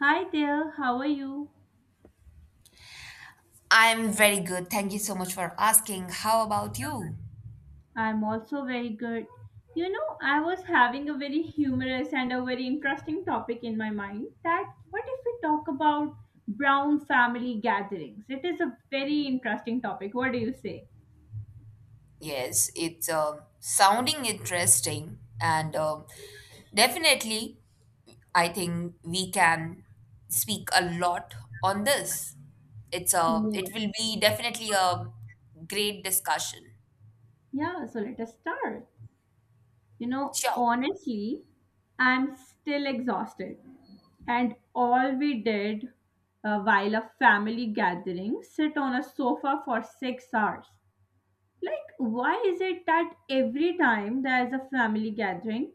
Hi there, how are you? I'm very good. Thank you so much for asking. How about you? I'm also very good. You know, I was having a very humorous and a very interesting topic in my mind that what if we talk about brown family gatherings? It is a very interesting topic. What do you say? Yes, it's sounding interesting, and definitely, I think we can speak a lot on this. It Yes. will be definitely a great discussion. Yeah, so let us start. You know, Sure. honestly, I'm still exhausted. And all we did while a family gathering, sit on a sofa for 6 hours. Like, why is it that every time there is a family gathering,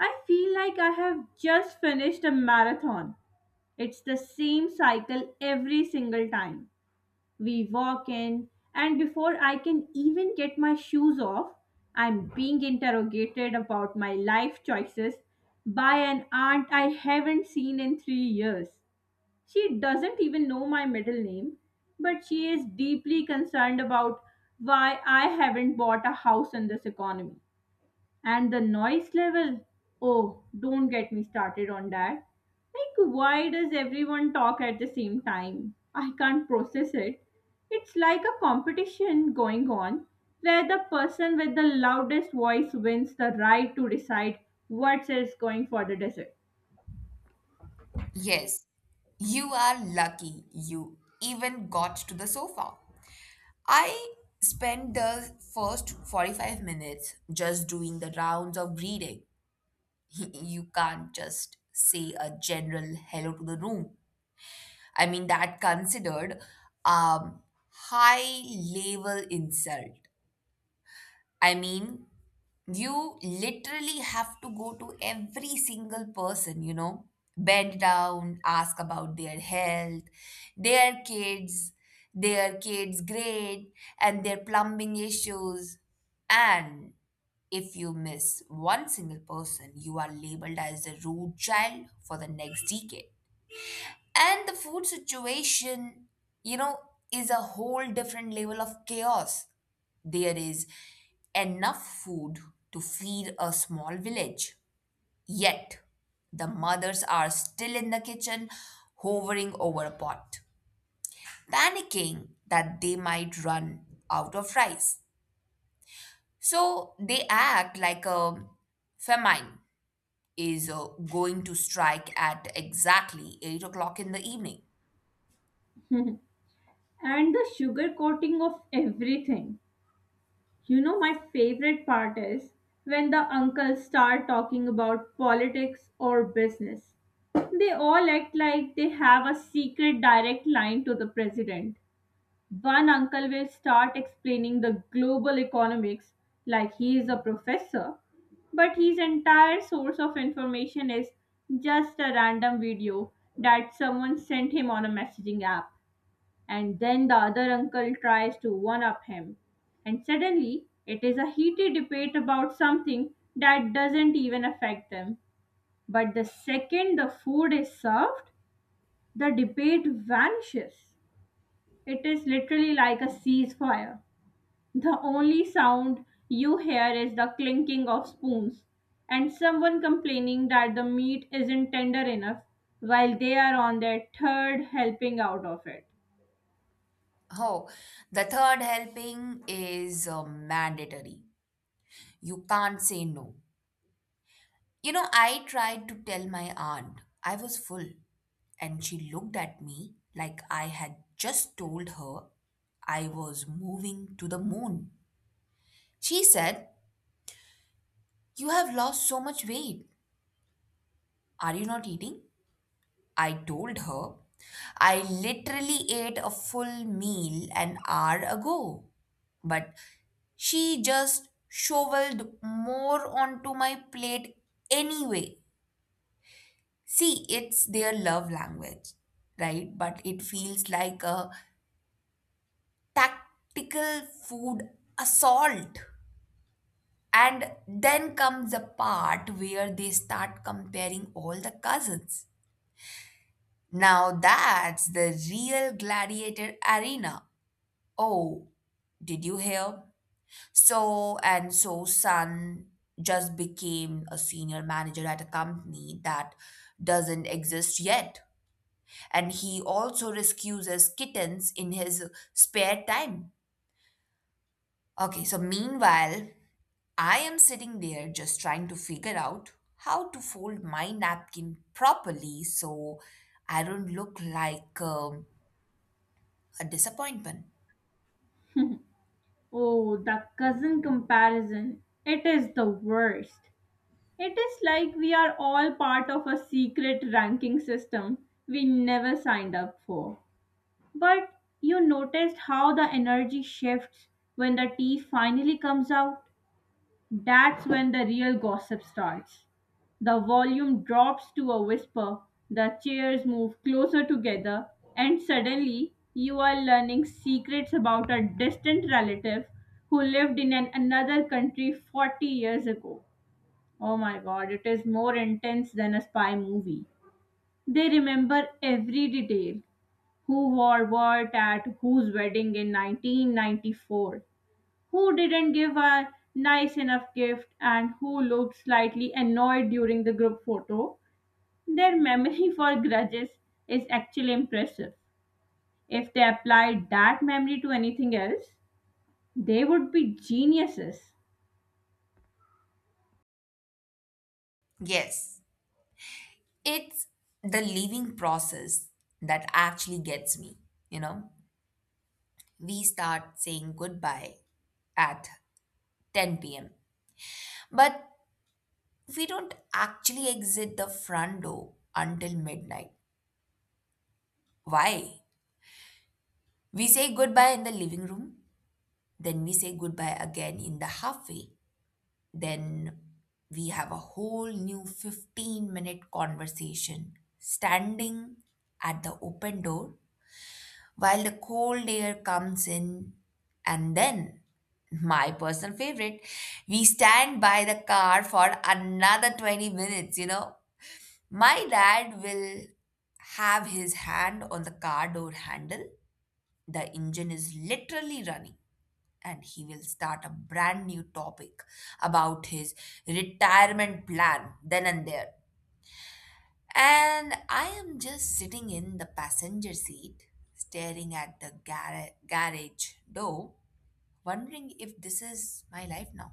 I feel like I have just finished a marathon? It's the same cycle every single time. We walk in, and before I can even get my shoes off, I'm being interrogated about my life choices by an aunt I haven't seen in 3 years. She doesn't even know my middle name, but she is deeply concerned about why I haven't bought a house in this economy. And the noise level, oh, don't get me started on that. Like, why does everyone talk at the same time? I can't process it. It's like a competition going on where the person with the loudest voice wins the right to decide what is going for the dessert. Yes, you are lucky. You even got to the sofa. I spent the first 45 minutes just doing the rounds of greeting. You can't just say a general hello to the room. I mean, that considered um, high level insult. I mean, you literally have to go to every single person, you know, bend down, ask about their health, their kids, their kids' grade, and their plumbing issues. And if you miss one single person, you are labeled as a rude child for the next decade. And the food situation, you know, is a whole different level of chaos. There is enough food to feed a small village. Yet, the mothers are still in the kitchen, hovering over a pot, panicking that they might run out of rice. So they act like a famine is going to strike at exactly 8 o'clock in the evening. And the sugar coating of everything. You know, my favorite part is when the uncles start talking about politics or business. They all act like they have a secret direct line to the president. One uncle will start explaining the global economics like he is a professor, but his entire source of information is just a random video that someone sent him on a messaging app, and then the other uncle tries to one up him. And suddenly, it is a heated debate about something that doesn't even affect them. But the second the food is served, the debate vanishes. It is literally like a ceasefire. The only sound you hear is the clinking of spoons and someone complaining that the meat isn't tender enough while they are on their third helping out of it. Oh, the third helping is mandatory. You can't say no. You know, I tried to tell my aunt I was full, and she looked at me like I had just told her I was moving to the moon. She said, "You have lost so much weight. Are you not eating?" I told her I literally ate a full meal an hour ago, but she just shoveled more onto my plate anyway. See, it's their love language, right? But it feels like a tactical food assault. And then comes the part where they start comparing all the cousins. Now that's the real gladiator arena. Oh, did you hear? So and so son just became a senior manager at a company that doesn't exist yet. And he also rescues kittens in his spare time. Okay, so meanwhile, I am sitting there just trying to figure out how to fold my napkin properly so I don't look like a disappointment. Oh, the cousin comparison. It is the worst. It is like we are all part of a secret ranking system we never signed up for. But you noticed how the energy shifts when the tea finally comes out? That's when the real gossip starts. The volume drops to a whisper, the chairs move closer together, and suddenly you are learning secrets about a distant relative who lived in another country 40 years ago. Oh my god, it is more intense than a spy movie. They remember every detail, who wore what at whose wedding in 1994, who didn't give a nice enough gift and who looked slightly annoyed during the group photo. Their memory for grudges is actually impressive. If they applied that memory to anything else, they would be geniuses. Yes, it's the leaving process that actually gets me, you know. We start saying goodbye at 10 p.m., but we don't actually exit the front door until midnight. Why? We say goodbye in the living room, then we say goodbye again in the halfway, then we have a whole new 15-minute conversation standing at the open door while the cold air comes in. And then, my personal favorite, we stand by the car for another 20 minutes, you know. My dad will have his hand on the car door handle. The engine is literally running, and he will start a brand new topic about his retirement plan then and there. And I am just sitting in the passenger seat, staring at the garage door, wondering if this is my life now.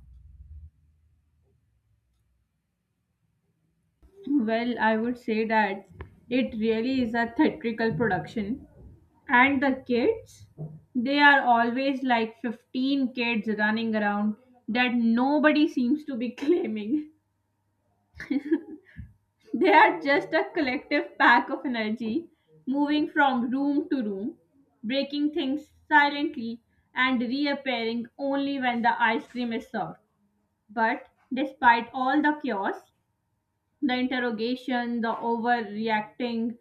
Well, I would say that it really is a theatrical production. And the kids, they are always like 15 kids running around that nobody seems to be claiming. They are just a collective pack of energy, moving from room to room, breaking things silently, and reappearing only when the ice cream is served. But despite all the chaos, the interrogation, the overreacting,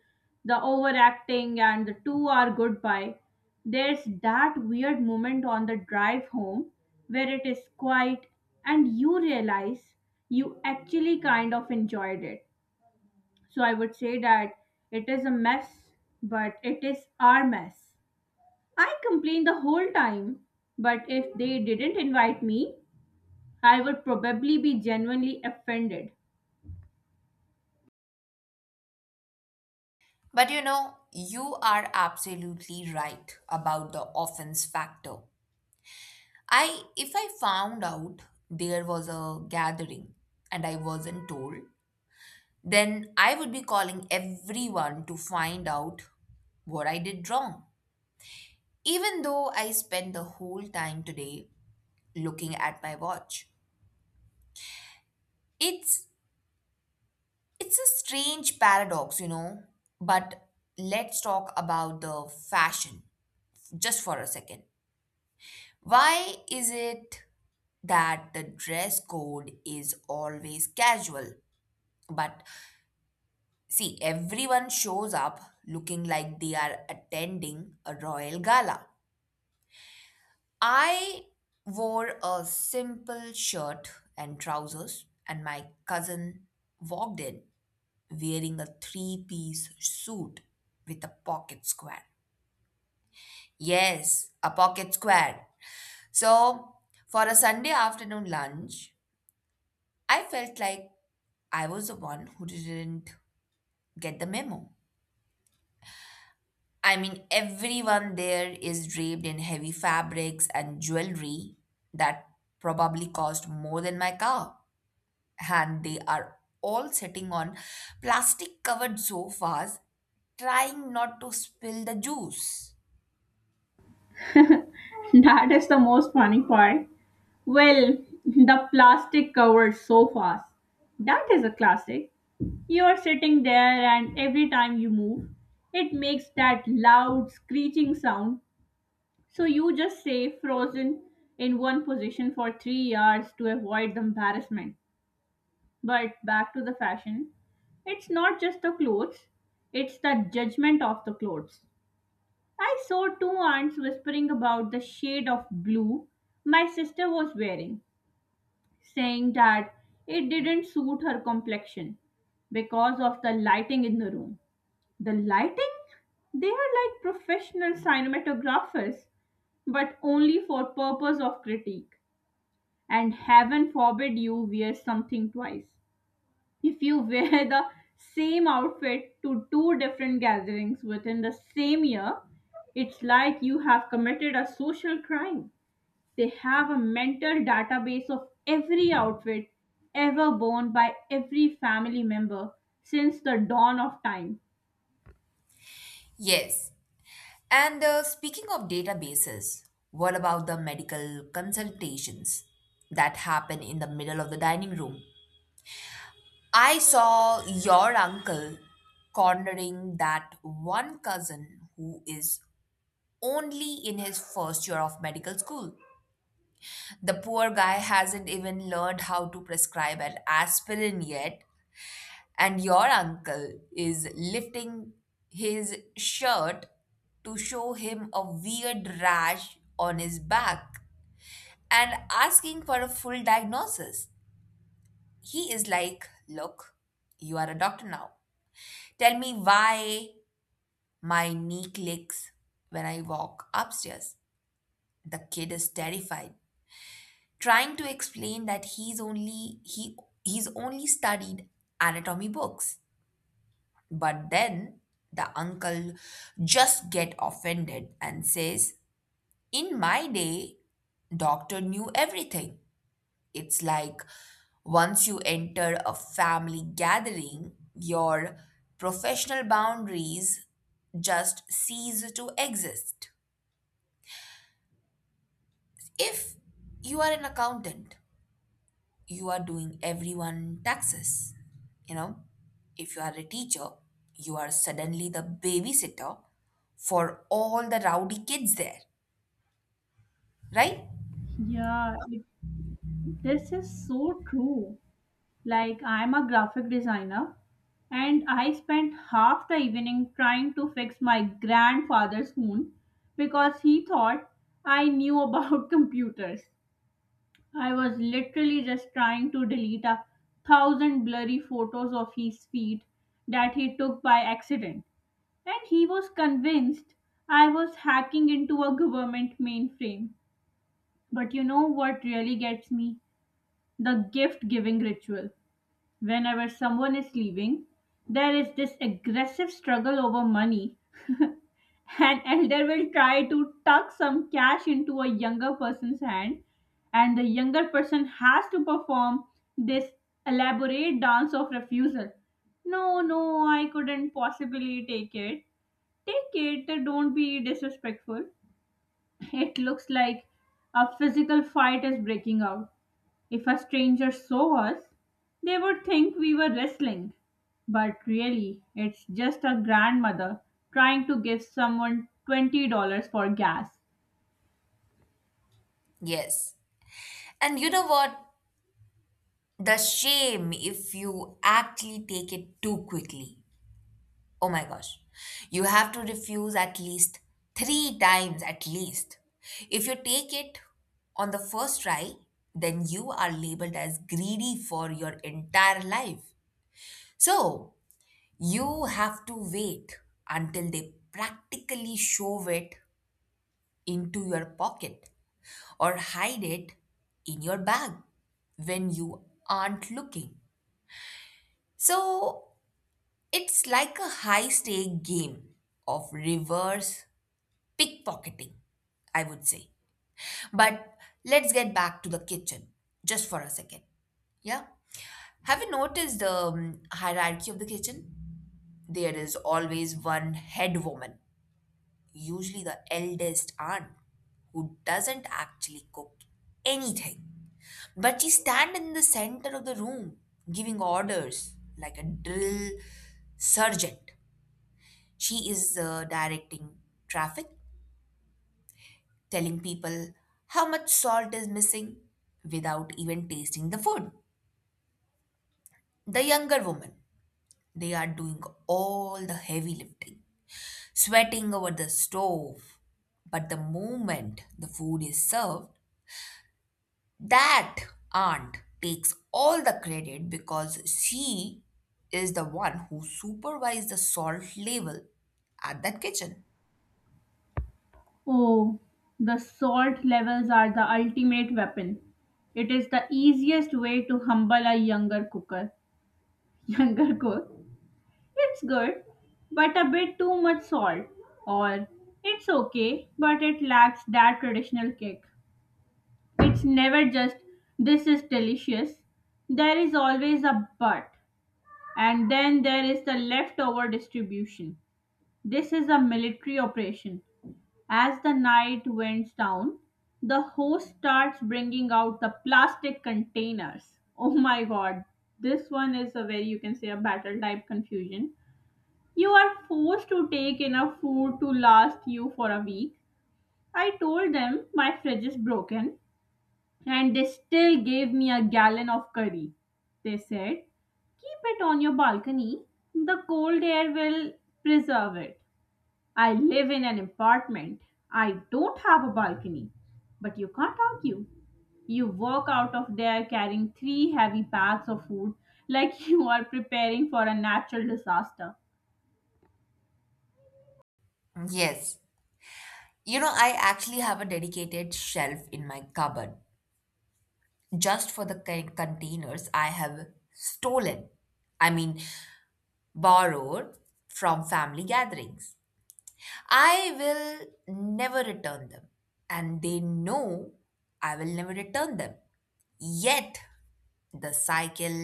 the overacting, and the 2 hour goodbye, there's that weird moment on the drive home where it is quiet and you realize you actually kind of enjoyed it. So I would say that it is a mess, but it is our mess. I complained the whole time, but if they didn't invite me, I would probably be genuinely offended. But you know, you are absolutely right about the offense factor. I If I found out there was a gathering and I wasn't told, then I would be calling everyone to find out what I did wrong. Even though I spent the whole time today looking at my watch. It's it's a strange paradox, you know, but let's talk about the fashion just for a second. Why is it that the dress code is always casual? But see, everyone shows up looking like they are attending a royal gala. I wore a simple shirt and trousers, and my cousin walked in wearing a three-piece suit with a pocket square. Yes, a pocket square. So, for a Sunday afternoon lunch, I felt like I was the one who didn't get the memo. I mean, everyone there is draped in heavy fabrics and jewelry that probably cost more than my car. And they are all sitting on plastic covered sofas, trying not to spill the juice. That is the most funny part. Well, the plastic covers so fast. That is a classic. You are sitting there, and every time you move, it makes that loud screeching sound. So you just stay frozen in one position for 3 hours to avoid the embarrassment. But back to the fashion, it's not just the clothes, it's the judgment of the clothes. I saw two aunts whispering about the shade of blue my sister was wearing, saying that it didn't suit her complexion because of the lighting in the room. The lighting, they are like professional cinematographers, but only for purpose of critique. And heaven forbid you wear something twice. If you wear the same outfit to two different gatherings within the same year, it's like you have committed a social crime. They have a mental database of every outfit ever worn by every family member since the dawn of time. Yes, and speaking of databases, what about the medical consultations that happen in the middle of the dining room? I saw your uncle cornering that one cousin who is only in his first year of medical school. The poor guy hasn't even learned how to prescribe an aspirin yet, and your uncle is lifting his shirt to show him a weird rash on his back and asking for a full diagnosis. He is like, "Look, you are a doctor now. Tell me why my knee clicks when I walk upstairs." The kid is terrified, trying to explain that he's only studied anatomy books. But then the uncle just get offended and says, "In my day, doctor knew everything." It's like once you enter a family gathering, your professional boundaries just cease to exist. If you are an accountant, you are doing everyone taxes. You know, if you are a teacher, you are suddenly the babysitter for all the rowdy kids there, right? Yeah, this is so true. Like, I'm a graphic designer and I spent half the evening trying to fix my grandfather's phone because he thought I knew about computers. I was literally just trying to delete a thousand blurry photos of his feet that he took by accident. And he was convinced I was hacking into a government mainframe. But you know what really gets me? The gift giving ritual. Whenever someone is leaving, there is this aggressive struggle over money. An elder will try to tuck some cash into a younger person's hand, and the younger person has to perform this elaborate dance of refusal. No, no, I couldn't possibly take it. Take it, don't be disrespectful. It looks like a physical fight is breaking out. If a stranger saw us, they would think we were wrestling. But really, it's just a grandmother trying to give someone $20 for gas. Yes. And you know what? The shame if you actually take it too quickly. Oh my gosh. You have to refuse at least three times, at least. If you take it on the first try, then you are labeled as greedy for your entire life. So, you have to wait until they practically shove it into your pocket or hide it in your bag when you aren't looking. So it's like a high stake game of reverse pickpocketing, I would say. But let's get back to the kitchen just for a second. Yeah. Have you noticed the hierarchy of the kitchen? There is always one head woman, usually the eldest aunt, who doesn't actually cook anything. But she stand in the center of the room giving orders like a drill sergeant. She is directing traffic, telling people how much salt is missing without even tasting the food. The younger woman, they are doing all the heavy lifting, sweating over the stove, but the moment the food is served, that aunt takes all the credit because she is the one who supervised the salt level at that kitchen. Oh, the salt levels are the ultimate weapon. It is the easiest way to humble a younger cooker. Younger cook? It's good, but a bit too much salt. Or it's okay, but it lacks that traditional kick. It's never just, this is delicious. There is always a but. And then there is the leftover distribution. This is a military operation. As the night winds down, the host starts bringing out the plastic containers. Oh my god, this one is a very, you can say, a battle type confusion. You are forced to take enough food to last you for a week. I told them my fridge is broken and they still gave me a gallon of curry. They said, keep it on your balcony. The cold air will preserve it. I live in an apartment. I don't have a balcony. But you can't argue. You walk out of there carrying three heavy bags of food like you are preparing for a natural disaster. Yes. You know, I actually have a dedicated shelf in my cupboard just for the containers I have stolen. I mean, borrowed from family gatherings. I will never return them, and they know I will never return them. Yet, the cycle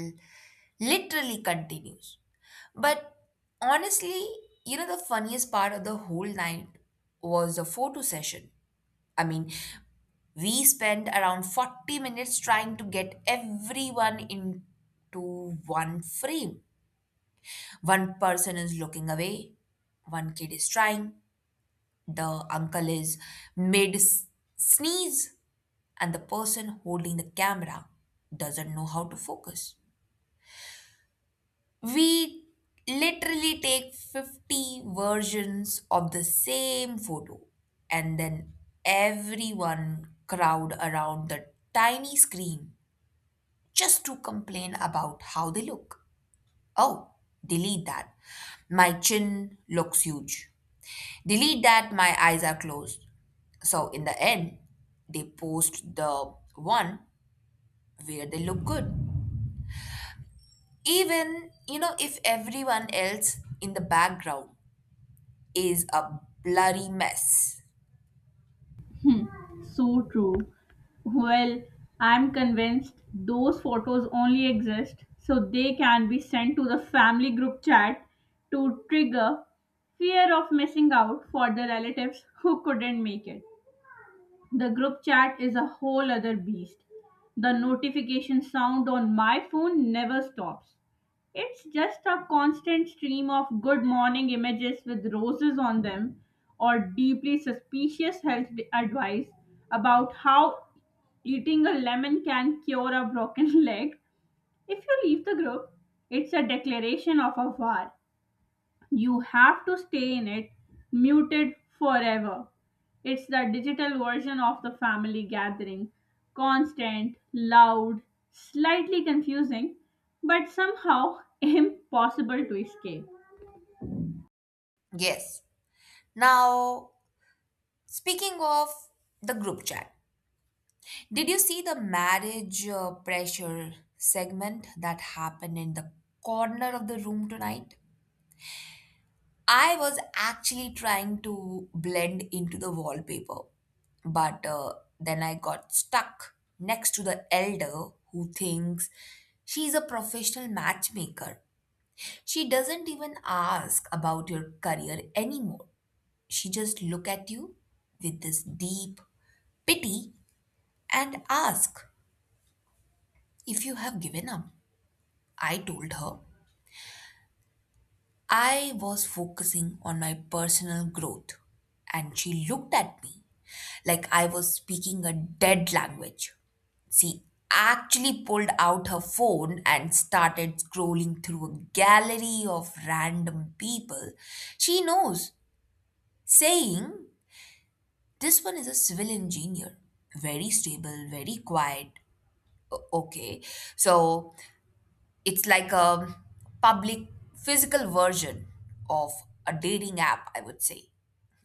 literally continues. But honestly, you know, the funniest part of the whole night was the photo session. I mean, we spent around 40 minutes trying to get everyone into one frame. One person is looking away, one kid is trying, the uncle is mid s- sneeze, and the person holding the camera doesn't know how to focus. We literally take 50 versions of the same photo, and then everyone crowd around the tiny screen just to complain about how they look. "Oh, delete that. My chin looks huge. Delete that. My eyes are closed." So, in the end, they post the one where they look good even you know if everyone else in the background is a bloody mess. So true. Well, I'm convinced those photos only exist so they can be sent to the family group chat to trigger fear of missing out for the relatives who couldn't make it. The group chat is a whole other beast. The notification sound on my phone never stops. It's just a constant stream of good morning images with roses on them or deeply suspicious health advice about how eating a lemon can cure a broken leg. If you leave the group, it's a declaration of a war. You have to stay in it muted forever. It's the digital version of the family gathering, constant, loud, slightly confusing, but somehow impossible to escape. Yes. Now, speaking of the group chat, did you see the marriage pressure segment that happened in the corner of the room tonight? I was actually trying to blend into the wallpaper, but then I got stuck next to the elder who thinks she's a professional matchmaker. She doesn't even ask about your career anymore. She just look at you with this deep pity and ask if you have given up. I told her I was focusing on my personal growth and she looked at me like I was speaking a dead language. She actually pulled out her phone and started scrolling through a gallery of random people she knows, saying, "This one is a civil engineer, very stable, very quiet." Okay, so it's like a public physical version of a dating app, I would say.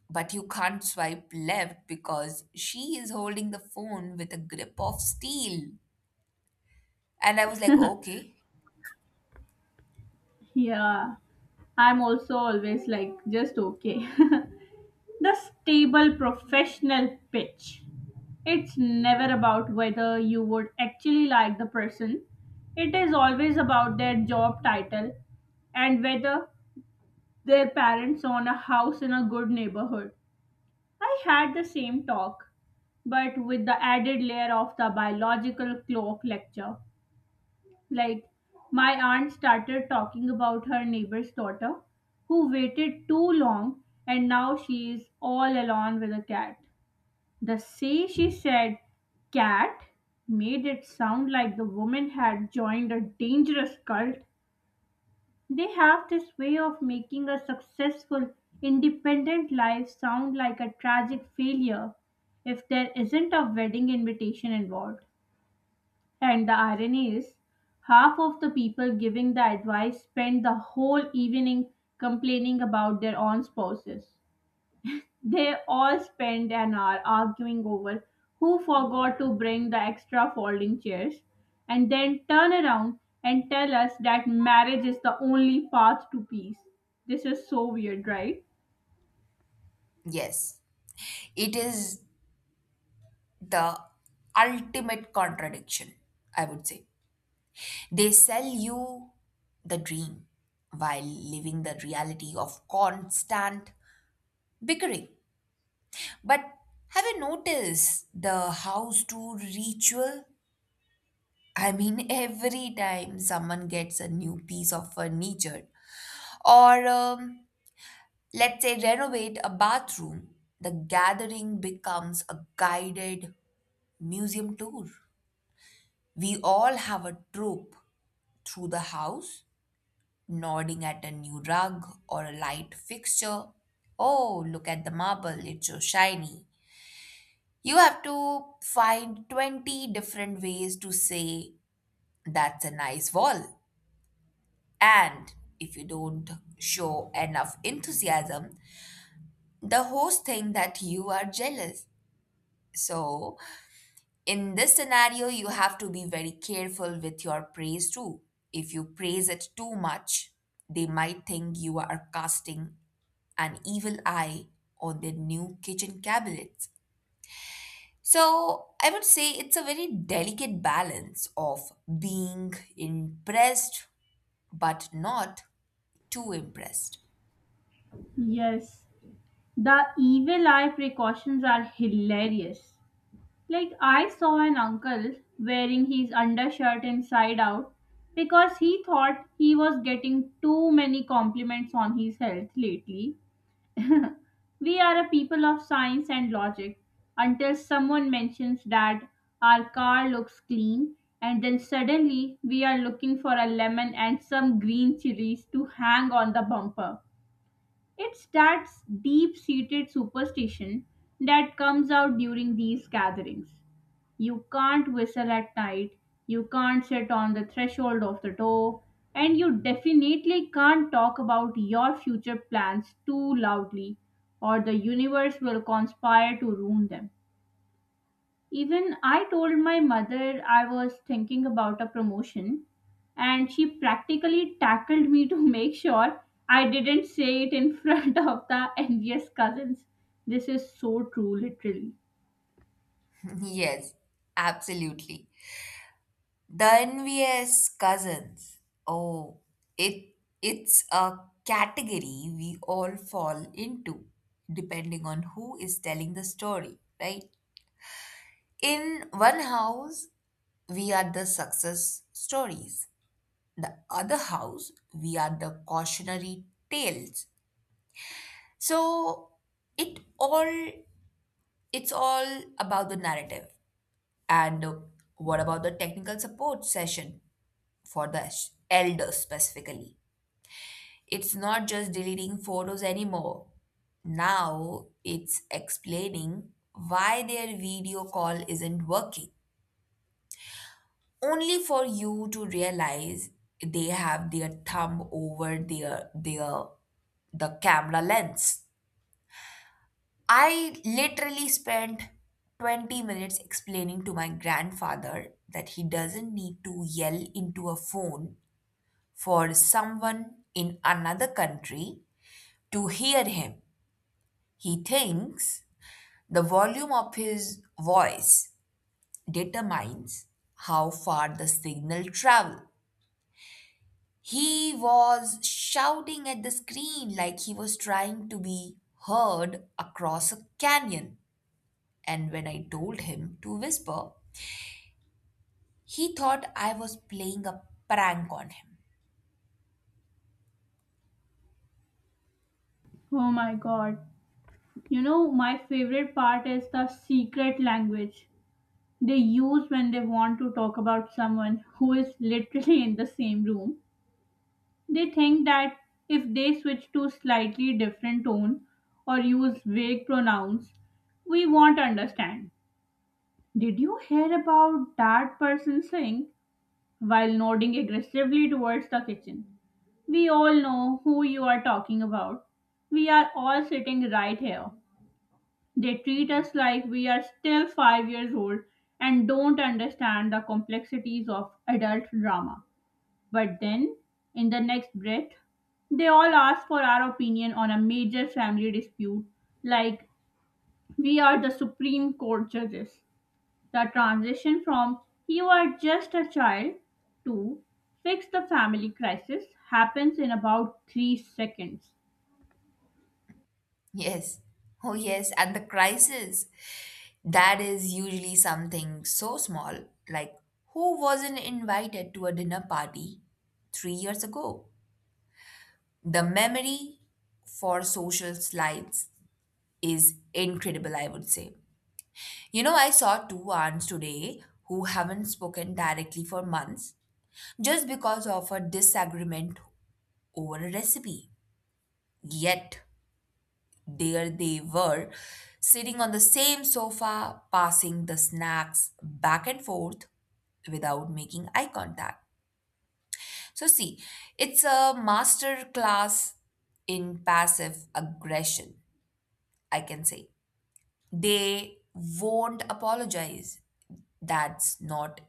But you can't swipe left because she is holding the phone with a grip of steel. And I was like, okay, Yeah, I'm also always like just okay. The stable professional pitch. It's never about whether you would actually like the person, it is always about their job title and whether their parents own a house in a good neighborhood. I had the same talk, but with the added layer of the biological clock lecture. Like, my aunt started talking about her neighbor's daughter who waited too long and now she is all alone with a cat. The say she said cat made it sound like the woman had joined a dangerous cult. They have this way of making a successful, independent life sound like a tragic failure if there isn't a wedding invitation involved. And the irony is, half of the people giving the advice spend the whole evening complaining about their own spouses. They all spend an hour arguing over who forgot to bring the extra folding chairs and then turn around and tell us that marriage is the only path to peace. This is so weird, right? yes, it is the ultimate contradiction, I would say. They sell you the dream while living the reality of constant bickering. But have you noticed the house tour ritual? I mean, every time someone gets a new piece of furniture or let's say renovate a bathroom, the gathering becomes a guided museum tour. We all have a trope through the house nodding at a new rug or a light fixture. "Oh, look at the marble, it's so shiny." You have to find 20 different ways to say that's a nice wall. And if you don't show enough enthusiasm, the host thinks that you are jealous. So, in this scenario, you have to be very careful with your praise too. If you praise it too much, they might think you are casting an evil eye on their new kitchen cabinets. So I would say it's a very delicate balance of being impressed but not too impressed. Yes. The evil eye precautions are hilarious. Like, I saw an uncle wearing his undershirt inside out because he thought he was getting too many compliments on his health lately. We are a people of science and logic until someone mentions that our car looks clean, and then suddenly we are looking for a lemon and some green chilies to hang on the bumper. It's that deep seated superstition that comes out during these gatherings. You can't whistle at night, you can't sit on the threshold of the door, and you definitely can't talk about your future plans too loudly, or the universe will conspire to ruin them. Even I told my mother I was thinking about a promotion, and she practically tackled me to make sure I didn't say it in front of the envious cousins. This is so true, literally. Yes, absolutely. The envious cousins. Oh, it it's a category we all fall into depending on who is telling the story, right? In one house, we are the success stories, the other house, we are the cautionary tales. So it all it's all about the narrative. And what about the technical support session for the elders specifically? It's not just deleting photos anymore. Now it's explaining why their video call isn't working only for you to realize they have their thumb over the camera lens. I literally spent 20 minutes explaining to my grandfather that he doesn't need to yell into a phone for someone in another country to hear him. He thinks the volume of his voice determines how far the signal travels. He was shouting at the screen like he was trying to be heard across a canyon. And when I told him to whisper, he thought I was playing a prank on him. Oh my god. You know, my favorite part is the secret language they use when they want to talk about someone who is literally in the same room. They think that if they switch to slightly different tone or use vague pronouns, we won't understand. Did you hear about that person saying while nodding aggressively towards the kitchen? We all know who you are talking about. We are all sitting right here. They treat us like we are still 5 years old and don't understand the complexities of adult drama. But then, in the next breath, they all ask for our opinion on a major family dispute, like we are the Supreme Court judges. The transition from you are just a child to fix the family crisis happens in about 3 seconds. Yes, oh yes, and the crisis. That is usually something so small, like who wasn't invited to a dinner party 3 years ago? The memory for social slides is incredible, I would say. You know, I saw 2 aunts today who haven't spoken directly for months just because of a disagreement over a recipe. Yet, there they were, sitting on the same sofa, passing the snacks back and forth without making eye contact. So, see, it's a master class in passive aggression, I can say. They won't apologize. That's not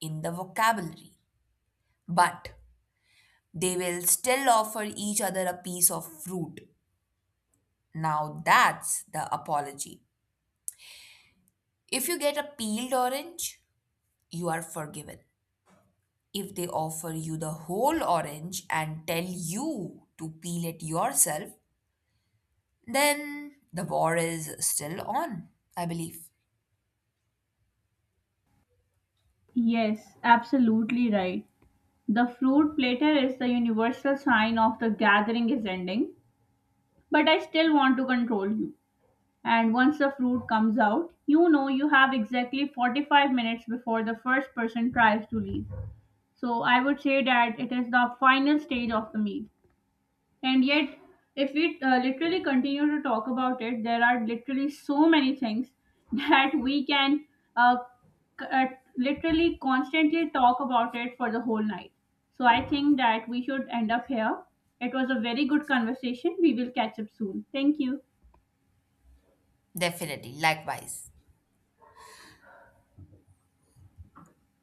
in the vocabulary. But they will still offer each other a piece of fruit. Now that's the apology. If you get a peeled orange, you are forgiven. If they offer you the whole orange and tell you to peel it yourself, then the war is still on, I believe. Yes, absolutely right. The fruit platter is the universal sign of the gathering is ending, but I still want to control you. And once the fruit comes out, you know you have exactly 45 minutes before the first person tries to leave. So I would say that it is the final stage of the meal. And yet, if we literally continue to talk about it, there are literally so many things that we can uh, c- uh, literally constantly talk about it for the whole night. So I think that we should end up here. It was a very good conversation. We will catch up soon. Thank you. Definitely, likewise.